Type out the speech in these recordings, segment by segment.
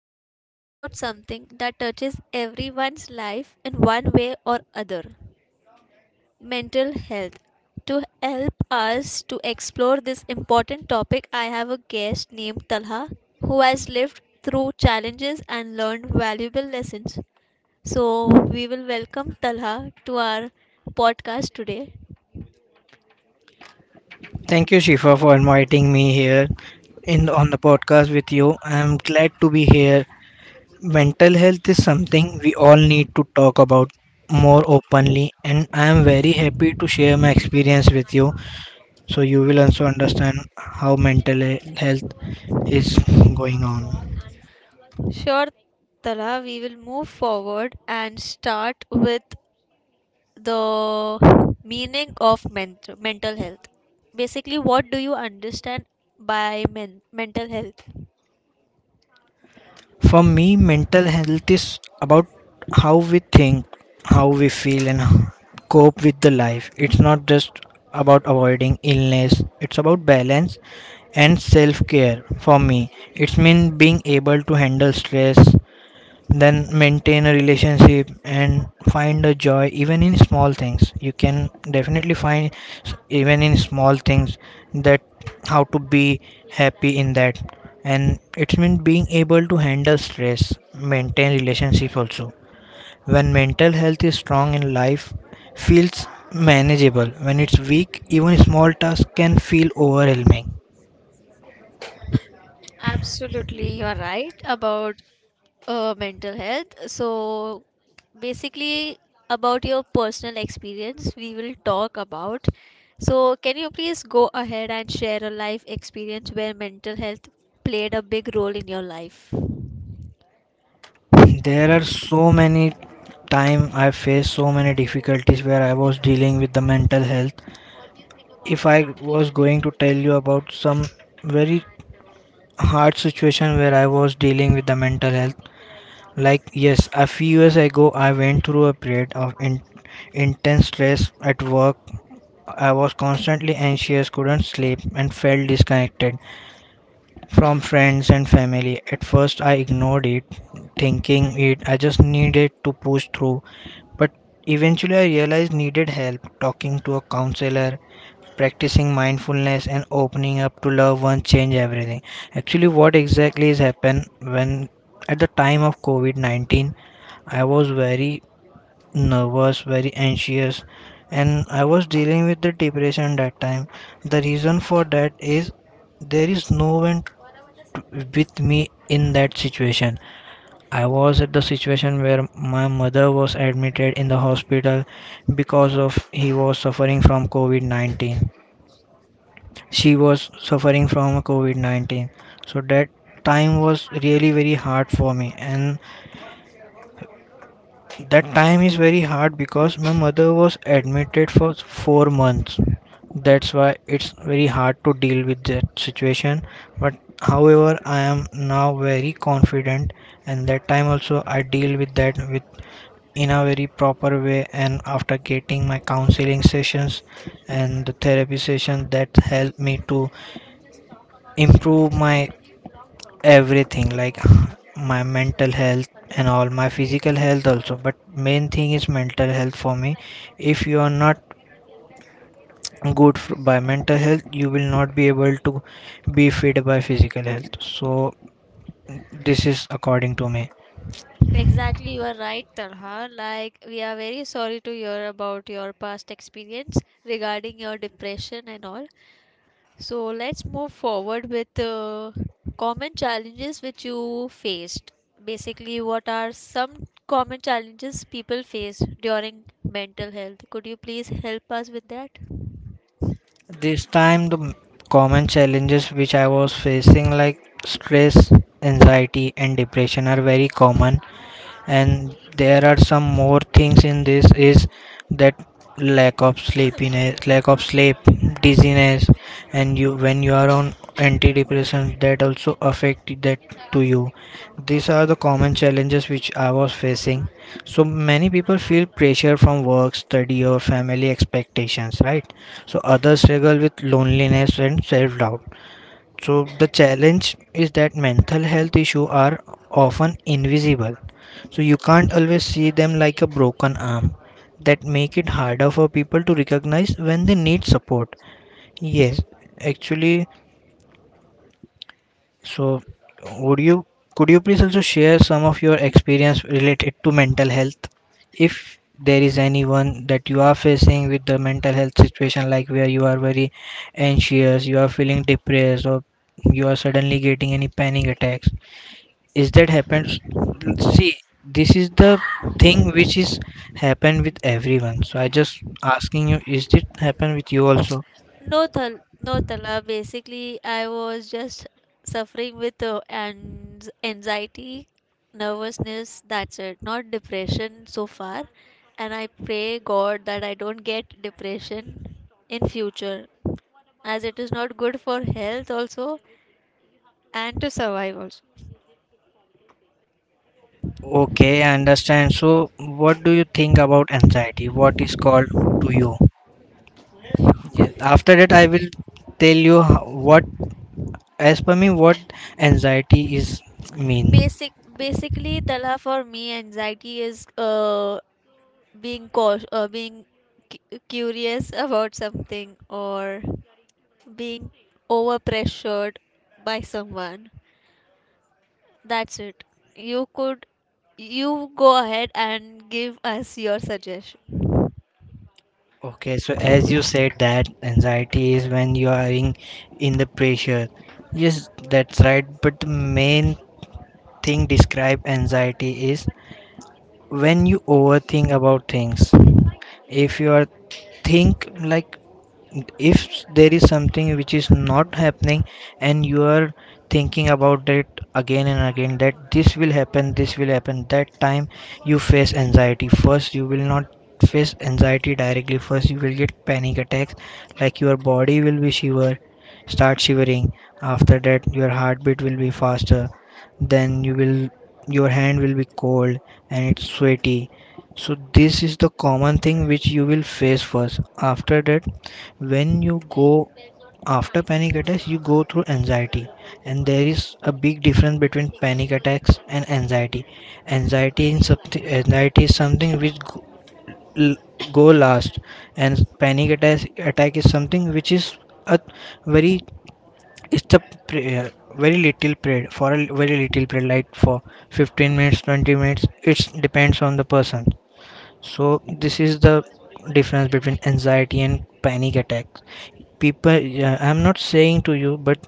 We are talking about something that touches everyone's life in one way or other, mental health. To help us to explore this important topic, I have a guest named Talha who has lived through challenges and learned valuable lessons. So, we will welcome Talha to our podcast today. Thank you, Shifa, for inviting me here in on the podcast with you. I'm glad to be here. Mental health is something we all need to talk about more openly, and I am very happy to share my experience with you, so you will also understand how mental health is going on. Sure, Tala, we will move forward and start with the meaning of mental health. Basically, what do you understand by mental health? For me, mental health is about how we think, how we feel, and cope with the life. It's not just about avoiding illness, it's about balance and self care. For me, it's mean being able to handle stress, then maintain a relationship and find a joy even in small things. You can definitely find even in small things that how to be happy in that. And it's mean being able to handle stress, maintain relationship also. When mental health is strong, in life feels manageable. When it's weak, even small tasks can feel overwhelming. Absolutely, you are right about mental health. So, basically, about your personal experience, we will talk about. So, can you please go ahead and share a life experience where mental health played a big role in your life? There are so many time I faced so many difficulties where I was dealing with the mental health. If I was going to tell you about some very hard situation where I was dealing with the mental health, like, yes, a few years ago I went through a period of intense stress at work. I was constantly anxious, couldn't sleep, and felt disconnected from friends and family. At first, I ignored it, thinking it I just needed to push through. But eventually, I realized needed help talking to a counselor, practicing mindfulness, and opening up to loved ones change everything. Actually, what exactly has happened when at the time of COVID-19, I was very nervous, very anxious, and I was dealing with the depression that time. The reason for that is there is no one with me in that situation. I was at the situation where my mother was admitted in the hospital because of he was suffering from COVID-19. She was suffering from COVID-19. So that time was really very hard for me. And that time is very hard because my mother was admitted for 4 months. That's why it's very hard to deal with that situation. But however, I am now very confident, and that time also I deal with that with in a very proper way. And after getting my counseling sessions and the therapy session, that helped me to improve my everything, like my mental health and all my physical health also. But main thing is mental health for me. If you are not good by mental health, you will not be able to be fit by physical health. So this is according to me. Exactly, you are right, Talha. Like, we are very sorry to hear about your past experience regarding your depression and all. So, let's move forward with common challenges which you faced. Basically, what are some common challenges people face during mental health? Could you please help us with that? This time, the common challenges which I was facing like stress, anxiety, and depression are very common. And there are some more things in this is that lack of sleepiness, lack of sleep, dizziness, and you when you are on antidepressants that also affect that to you. These are the common challenges which I was facing. So many people feel pressure from work, study, or family expectations, right? So others struggle with loneliness and self doubt. So the challenge is that mental health issues are often invisible. So you can't always see them like a broken arm that make it harder for people to recognize when they need support. Yes, actually, so, would you could you please also share some of your experience related to mental health? If there is anyone that you are facing with the mental health situation, like where you are very anxious, you are feeling depressed, or you are suddenly getting any panic attacks, is that happens? See, this is the thing which is happen with everyone. So I just asking you, is it happen with you also? No, no, Tala. Basically, I was just suffering with anxiety, nervousness. That's it. Not depression so far. And I pray God that I don't get depression in future, as it is not good for health also and to survive also. Okay, I understand. So, what do you think about anxiety? What is called to you? Yes. After that, I will tell you what, as per me, what anxiety is mean. Basically, Tala, for me, anxiety is being cautious, being curious about something or being overpressured by someone. That's it. You could you go ahead and give us your suggestion. Okay, so as you said that anxiety is when you are in the pressure. Yes, that's right. But the main thing describe anxiety is when you overthink about things. If you are think like, if there is something which is not happening and you are thinking about it again and again that this will happen, this will happen, that time you face anxiety. First you will not face anxiety directly. First you will get panic attacks, like your body will be shiver, start shivering. After that, your heartbeat will be faster. Then your hand will be cold and it's sweaty. So this is the common thing which you will face first. After that, when you go after panic attacks, you go through anxiety. And there is a big difference between panic attacks and anxiety. Anxiety is something which go l- go last. And panic attack is something which is a very, it's a prayer very little period, for a very little period, like for 15 minutes, 20 minutes. It depends on the person. So this is the difference between anxiety and panic attack. People Yeah, I'm not saying to you, but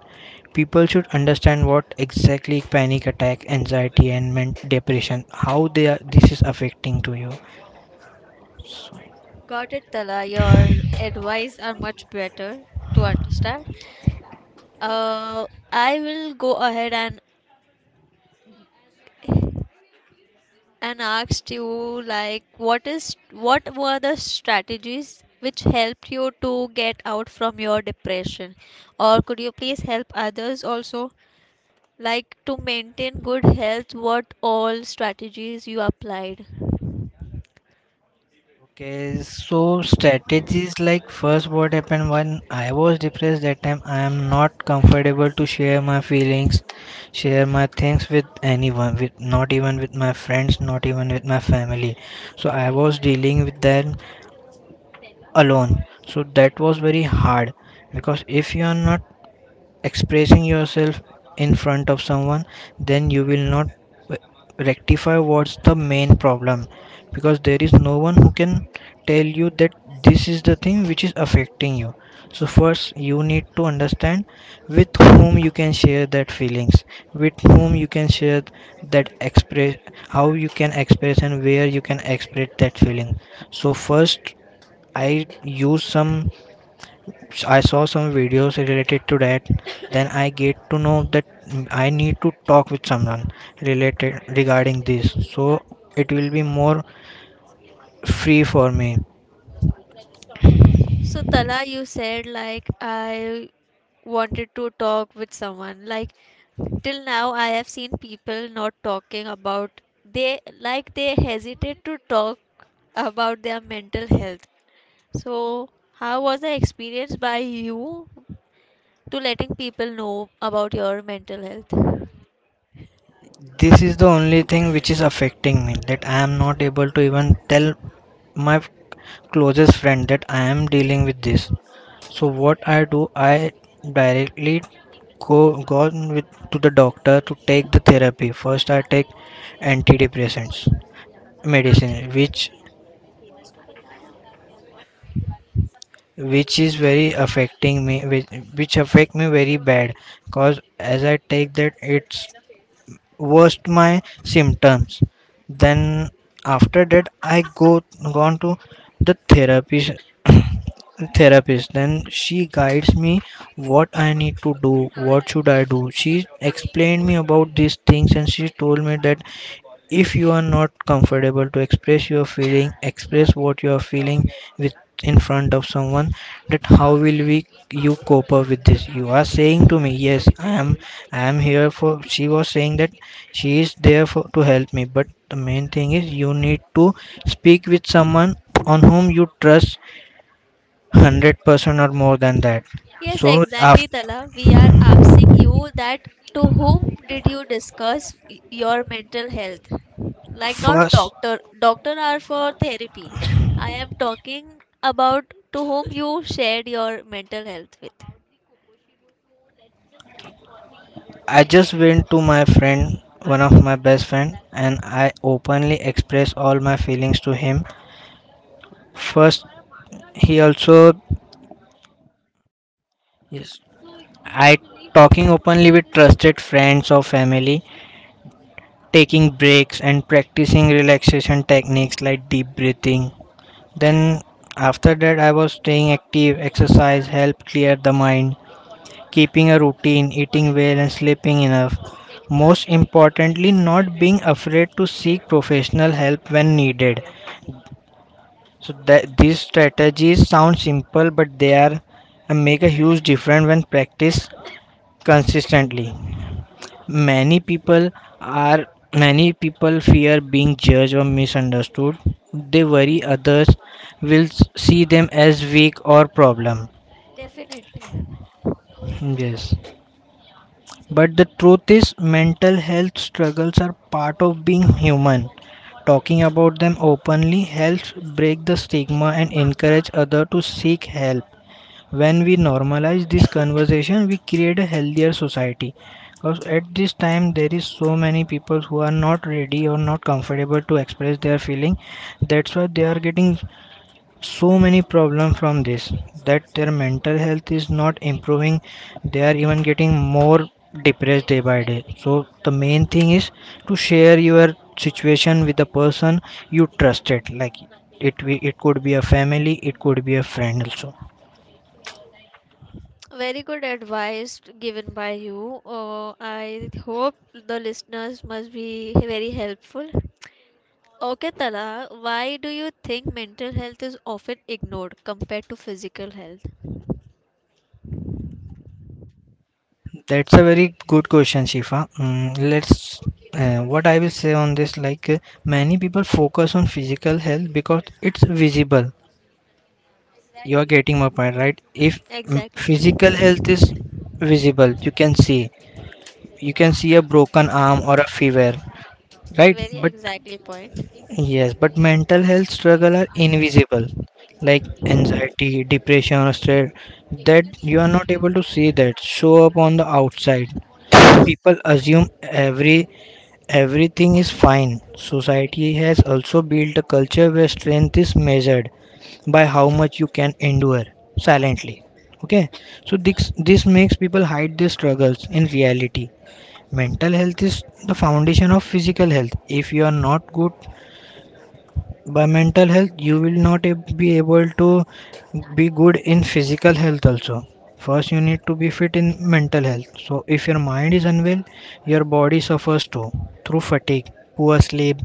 people should understand what exactly panic attack, anxiety, and depression, how they are, this is affecting to you. Got it, Tala. Your advice are much better to understand. Uh, I will go ahead and ask you like what were the strategies which helped you to get out from your depression, or could you please help others also like to maintain good health, what all strategies you applied? Okay, so strategies like, first what happened when I was depressed, that time I am not comfortable to share my feelings, share my things with anyone, with not even with my friends, not even with my family. So I was dealing with them alone. So that was very hard. Because if you are not expressing yourself in front of someone, then you will not rectify what's the main problem, because there is no one who can tell you that this is the thing which is affecting you. So first you need to understand with whom you can share that feelings, with whom you can share, that express, how you can express and where you can express that feeling. So first i use some I saw some videos related to that. Then I get to know that I need to talk with someone related regarding this. So it will be more free for me. So Tala, you said like I wanted to talk with someone. Like till now, I have seen people not talking about, they like they hesitate to talk about their mental health. So how was the experience by you to letting people know about your mental health? This is the only thing which is affecting me, that I am not able to even tell my closest friend that I am dealing with this. So what I do, I directly go gone with to the doctor to take the therapy. First I take antidepressants medicine, which is very affecting me, which affect me very bad. Cause as I take that, it's worst my symptoms. Then after that I go gone to the therapist therapist. Then she guides me what I need to do, what should I do. She explained me about these things, and she told me that, if you are not comfortable to express your feeling, express what you are feeling with in front of someone. That how will we you cope up with this? You are saying to me, yes, I am. I am here for. She was saying that she is there for to help me. But the main thing is you need to speak with someone on whom you trust 100% or more than that. Yes, So exactly, after Tala. We are asking you that to whom did you discuss your mental health? Like not first doctor. Doctor are for therapy. I am talking about to whom you shared your mental health with. I just went to my friend, one of my best friend, and I openly expressed all my feelings to him. First, he also, yes, I talking openly with trusted friends or family, taking breaks and practicing relaxation techniques like deep breathing. Then after that I was staying active, exercise help clear the mind, keeping a routine, eating well, and sleeping enough. Most importantly, not being afraid to seek professional help when needed. So that these strategies sound simple, but they are and make a huge difference when practiced consistently. Many people are many people fear being judged or misunderstood. They worry others will see them as weak or problem. Definitely. Yes. But the truth is, mental health struggles are part of being human. Talking about them openly helps break the stigma and encourage others to seek help. When we normalize this conversation, we create a healthier society. Because at this time, there is so many people who are not ready or not comfortable to express their feeling. That's why they are getting so many problems from this, that their mental health is not improving. They are even getting more depressed day by day. So the main thing is to share your situation with the person you trusted, like, it it could be a family, it could be a friend also. Very good advice given by you. I hope the listeners must be very helpful. Okay, Tala, why do you think mental health is often ignored compared to physical health? That's a very good question, Shifa. Let's what I will say on this, like many people focus on physical health because it's visible. You are Exactly. getting my point, right? If Exactly. physical health is visible, you can see. You can see a broken arm or a fever, right? Very But exactly point. yes, but mental health struggle are invisible, like anxiety, depression, or stress. That you are not able to see that show up on the outside. So people assume everything is fine. Society has also built a culture where strength is measured by how much you can endure silently. Okay, so this makes people hide their struggles in reality. Mental health is the foundation of physical health. If you are not good by mental health you will not be able to be good in physical health also. First you need to be fit in mental health, so if your mind is unwell your body suffers too, through fatigue, poor sleep,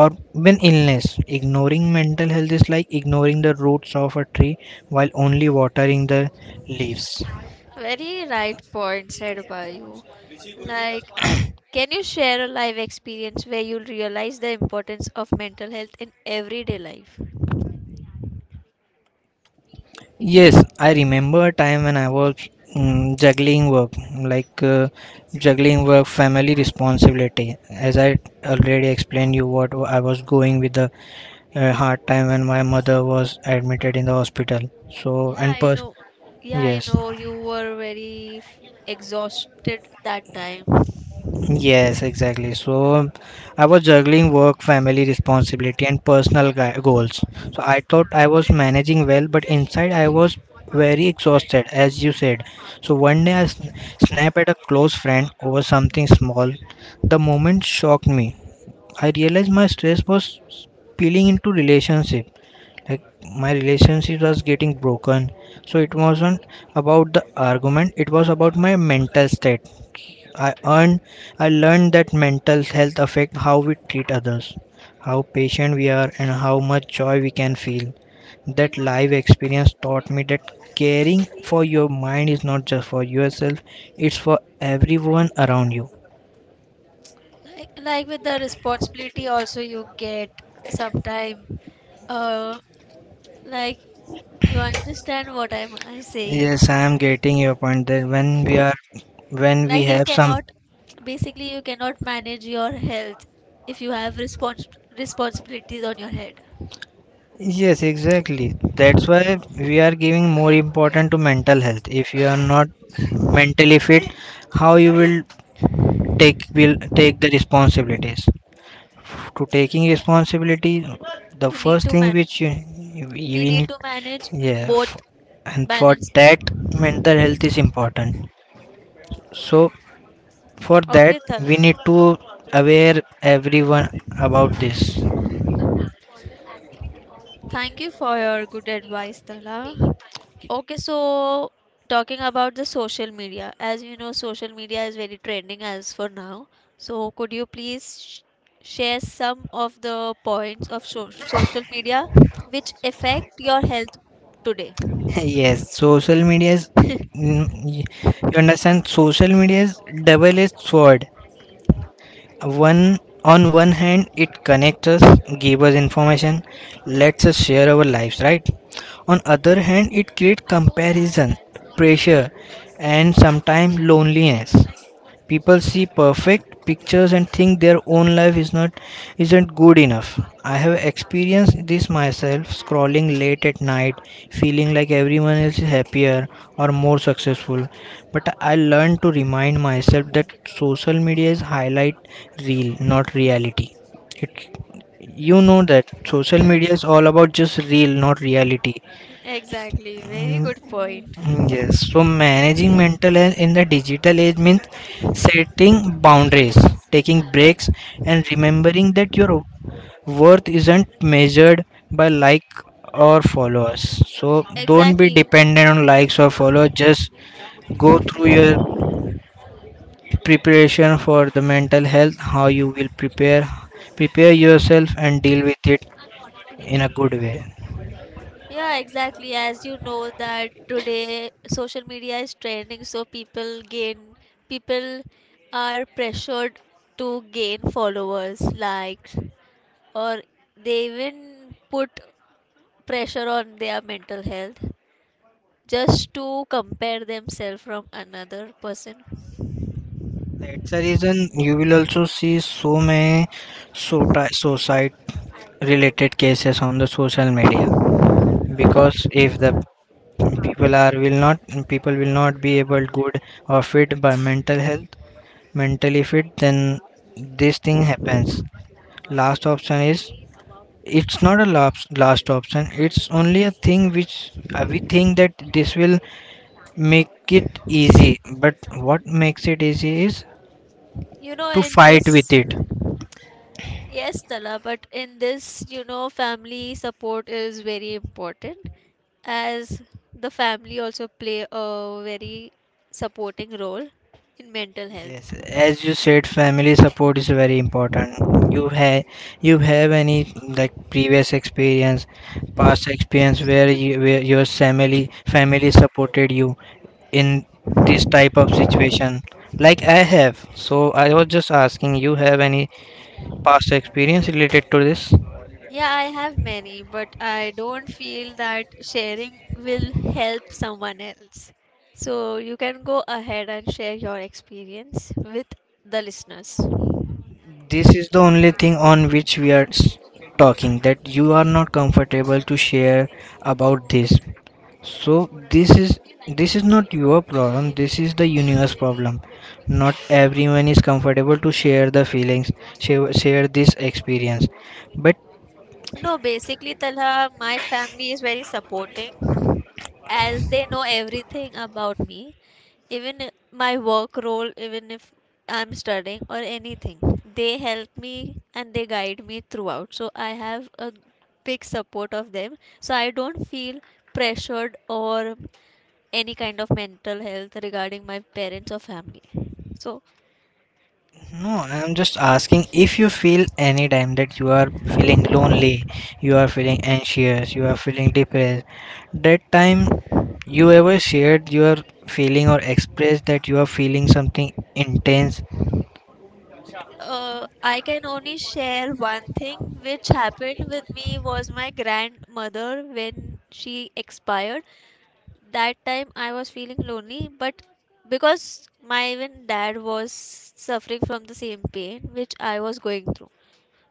or even illness. Ignoring mental health is like ignoring the roots of a tree while only watering the leaves. Very right point said by you. Like, can you share a live experience where you'll realize the importance of mental health in everyday life? Yes, I remember a time when I was juggling work, like uh, juggling work, family responsibility. As I already explained you what I was going with the hard time when my mother was admitted in the hospital. So Yeah, and I know. Yeah, I yes. know you were very exhausted that time. Yes, exactly. So I was juggling work, family responsibility, and personal goals. So I thought I was managing well, but inside I was very exhausted, as you said. So one day I snapped at a close friend over something small. The moment shocked me. I realized my stress was spilling into relationship. Like my relationship was getting broken. So it wasn't about the argument, it was about my mental state. I earned I learned that mental health affects how we treat others, how patient we are, and how much joy we can feel. That life experience taught me that caring for your mind is not just for yourself, it's for everyone around you. Like with the responsibility also you get sometime. Uh, like you understand what I'm saying. Yes, I am getting your point that when we are when we Like you have some. cannot basically you cannot manage your health if you have responsibilities on your head. Yes, exactly. That's why we are giving more important to mental health. If you are not mentally fit, how you will take the responsibilities. To taking responsibility, the you need first to thing manage which you you we need need, to manage yeah, both and for balancely. that mental health is important. So for that Okay, Tala. we need to aware everyone about this. Thank you for your good advice, Tala. Okay, so talking about the social media, as you know, social media is very trending as for now. So, could you please share some of the points of social media which affect your health today? Yes, social media is, mm, y- you understand, social media is double-edged sword. One on one hand, it connects us, gives us information, lets us share our lives, right? On other hand, it creates comparison, pressure, and sometimes loneliness. People see perfect pictures and think their own life is not isn't good enough. I have experienced this myself scrolling late at night, feeling like everyone else is happier or more successful. But I learned to remind myself that social media is highlight reel, not reality. It you know that social media is all about just real, not reality. Exactly, very good point. Mm, yes, so managing mental health in the digital age means setting boundaries, taking breaks, and remembering that your worth isn't measured by like or followers. So don't be Exactly. dependent on likes or followers. Just go through your preparation for the mental health, how you will prepare yourself and deal with it in a good way. Yeah, exactly. As you know that today social media is trending, so people are pressured to gain followers, likes, or they even put pressure on their mental health just to compare themselves from another person, That's the reason you will also see so many suicide related cases on the social media, because if the people are will not be able good or fit by mental health, mentally fit, then this thing happens. Last option is, it's not a last option, it's only a thing which we think that this will make it easy, but what makes it easy is you know, to in fight with this. it. Yes, Tala, but in this, family support is very important, as the family also play a very supporting role in mental health. Yes, as you said, family support is very important. You have you have any like previous experience, past experience where where your family supported you in this type of situation? Like I have. So I was just asking, you have any past experience related to this? Yeah, I have many, but I don't feel that sharing will help someone else. So you can go ahead and share your experience with the listeners. This is the only thing on which we are talking, that you are not comfortable to share about this. So this is, this is not your problem. This is the universe problem. Not everyone is comfortable to share the feelings, share this experience. But No, basically, Talha, my family is very supporting, as they know everything about me. Even my work role, even if I'm studying or anything, they help me and they guide me throughout. So I have a big support of them. So I don't feel pressured or any kind of mental health regarding my parents or family. So no, I'm just asking, if you feel any time that you are feeling lonely, you are feeling anxious, you are feeling depressed, that time, you ever shared your feeling or expressed that you are feeling something intense. uh, I can only share one thing, which happened with me, was my grandmother. When she expired, that time I was feeling lonely, but because my even dad was suffering from the same pain which I was going through.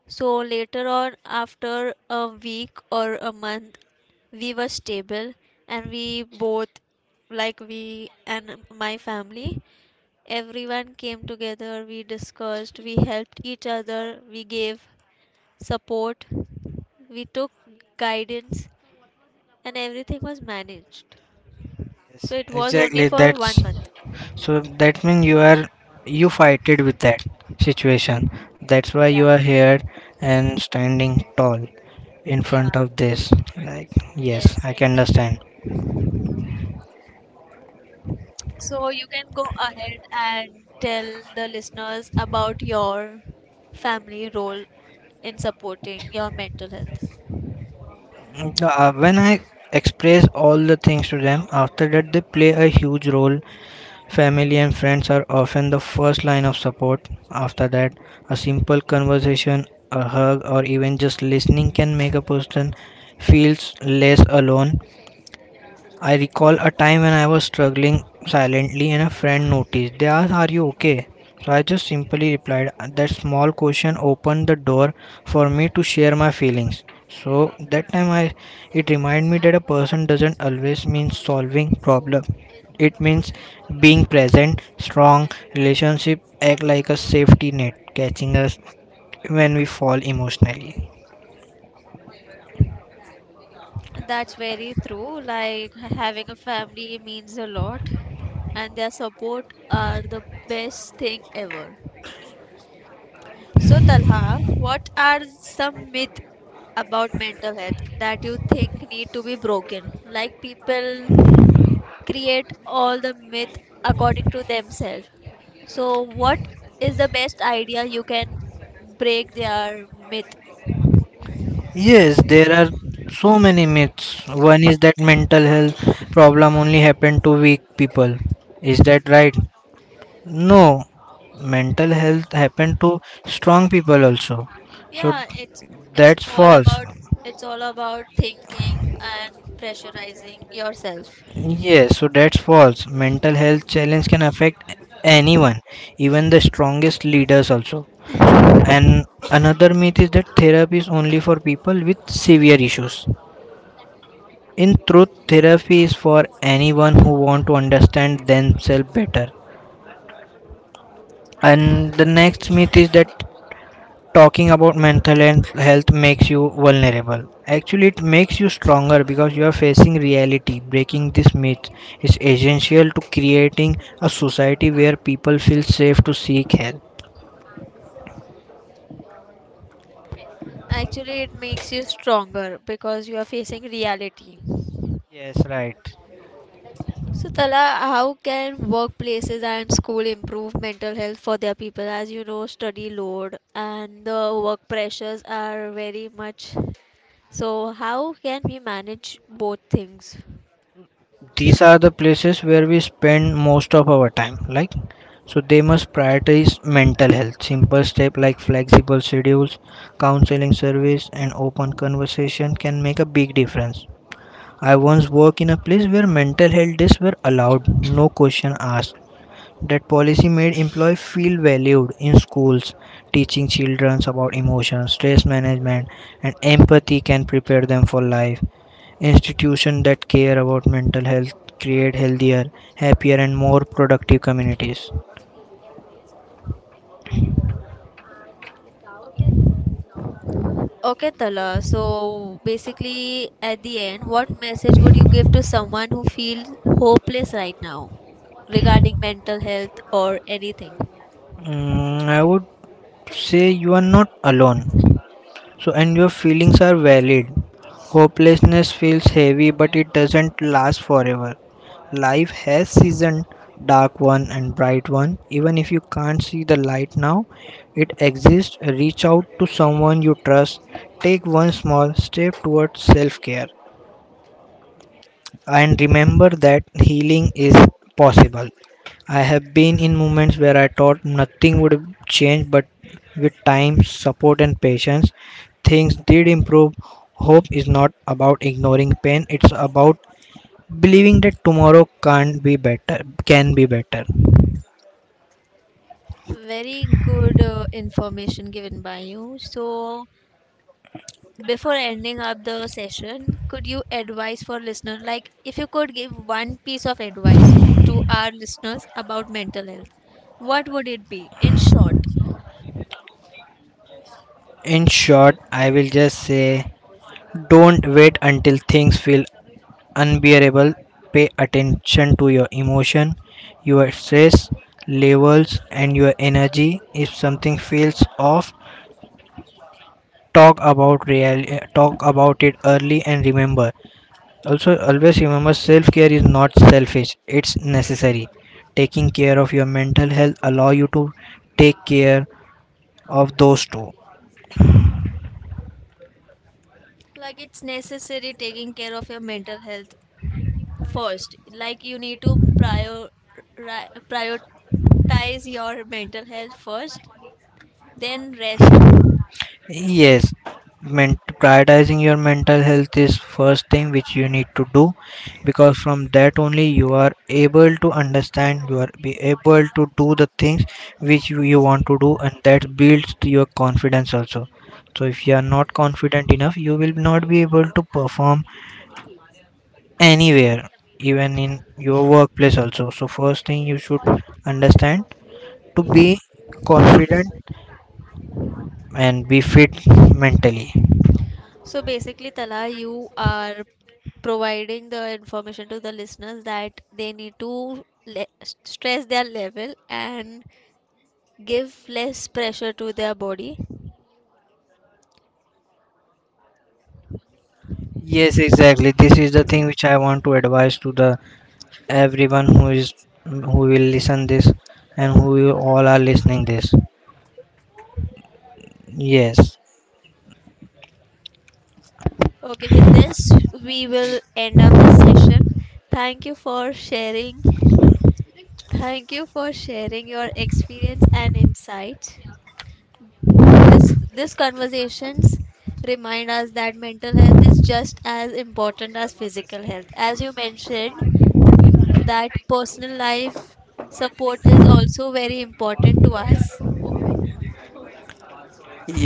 So later on, after a week or a month, we were stable and we both, like we and my family, everyone came together, we discussed, we helped each other, we gave support, we took guidance, and everything was managed. Yes, So it was only exactly. for That's. 1 month. So that means you are, you fighted with that situation. That's why Yeah, you are here and standing tall in yeah, front of this. Like yes, yes. I can Exactly. understand. So you can go ahead and tell the listeners about your family role in supporting your mental health. No, when I express all the things to them, after that they play a huge role. Family and friends are often the first line of support. After that, a simple conversation, a hug, or even just listening can make a person feels less alone. I recall a time when I was struggling silently and a friend noticed. They asked, "Are you okay?" So I just simply replied, that small question opened the door for me to share my feelings. So that time I, it reminded me that a person doesn't always mean solving problem. It means being present. Strong relationship act like a safety net, catching us when we fall emotionally. That's very true. Like having a family means a lot, and their support are the best thing ever. So, Talha, what are some myths about mental health that you think need to be broken? Like people create all the myth according to themselves. So, what is the best idea you can break their myth? Yes, there are so many myths. One is that mental health problem only happen to weak people. Is that right? No, mental health happen to strong people also. So Yeah, it's that's all false. about it's all about thinking and pressurizing yourself. Yes, so that's false. Mental health challenge can affect anyone, even the strongest leaders also. So, and another myth is that therapy is only for people with severe issues. In truth, therapy is for anyone who want to understand themselves better. And the next myth is that talking about mental health health makes you vulnerable. Actually, it makes you stronger because you are facing reality. Breaking this myth is essential to creating a society where people feel safe to seek help. Actually, it makes you stronger because you are facing reality. Yes, right. So, Tala, how can workplaces and school improve mental health for their people? As you know, study load and the work pressures are very much. So, how can we manage both things? These are the places where we spend most of our time, like, so they must prioritize mental health. Simple step like flexible schedules, counseling service, and open conversation can make a big difference. I once worked in a place where mental health days were allowed, no question asked. That policy made employees feel valued. In schools, teaching children about emotions, stress management, and empathy can prepare them for life. Institutions that care about mental health create healthier, happier, and more productive communities. Okay, Tala. So, basically, at the end, what message would you give to someone who feels hopeless right now regarding mental health or anything? Mm, I would say you are not alone. So, and your feelings are valid. Hopelessness feels heavy, but it doesn't last forever. Life has season, dark one and bright one. Even if you can't see the light now, it exists. Reach out to someone you trust. Take one small step towards self care, and remember that healing is possible. I have been in moments where I thought nothing would change, but with time, support, and patience, things did improve. Hope is not about ignoring pain, it's about believing that tomorrow can't be better, can be better. Very good information given by you. So, before ending up the session, could you advise for listener like if you could give one piece of advice to our listeners about mental health, what would it be in short? In short, I will just say, don't wait until things feel unbearable. Pay attention to your emotion, your stress levels, and your energy. If something feels off, talk about real talk about it early and remember. Also, always remember, self care is not selfish; it's necessary. Taking care of your mental health allow you to take care of those two. Like it's necessary taking care of your mental health first. Like you need to prioritize your mental health first, then rest. Yes, prioritizing your mental health is first thing which you need to do, because from that only you are able to understand, you are be able to do the things which you want to do, and that builds to your confidence also. So if you are not confident enough, you will not be able to perform anywhere, even in your workplace also. So first thing you should understand, to be confident and be fit mentally. So basically, Tala, you are providing the information to the listeners that they need to stress their level and give less pressure to their body. Yes, exactly. This is the thing which I want to advise to the everyone who is, who will listen this and who you all are listening this. Yes. Okay, with this, we will end up this session. Thank you for sharing Thank you for sharing your experience and insight. This conversations remind us that mental health is just as important as physical health. As you mentioned, that personal life support is also very important to us.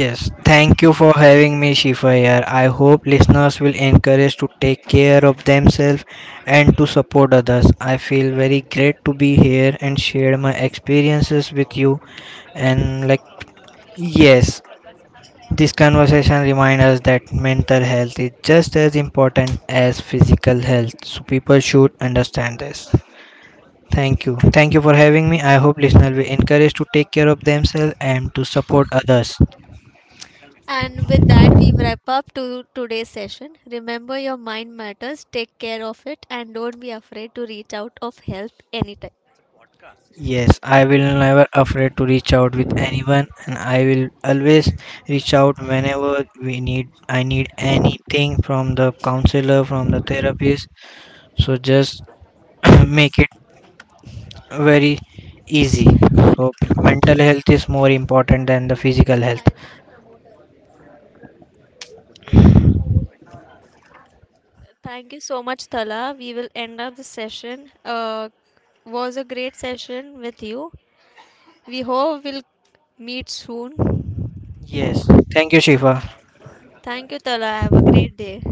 Yes. Thank you for having me, Shifa, here. I hope listeners will encourage to take care of themselves and to support others. I feel very great to be here and share my experiences with you, and like, yes. This conversation reminds us that mental health is just as important as physical health. So people should understand this. Thank you. Thank you for having me. I hope listeners will encourage to take care of themselves and to support others. And with that, we wrap up to today's session. Remember, your mind matters. Take care of it, and don't be afraid to reach out of help anytime. Yes, I will never afraid to reach out with anyone, and I will always reach out whenever we need I need anything from the counselor, from the therapist. So just make it very easy. So mental health is more important than the physical health. I Thank you so much, Tala. We will end up the session. Was a great session with you. We hope we'll meet soon. Yes. Thank you, Shifa. Thank you, Tala. Have a great day.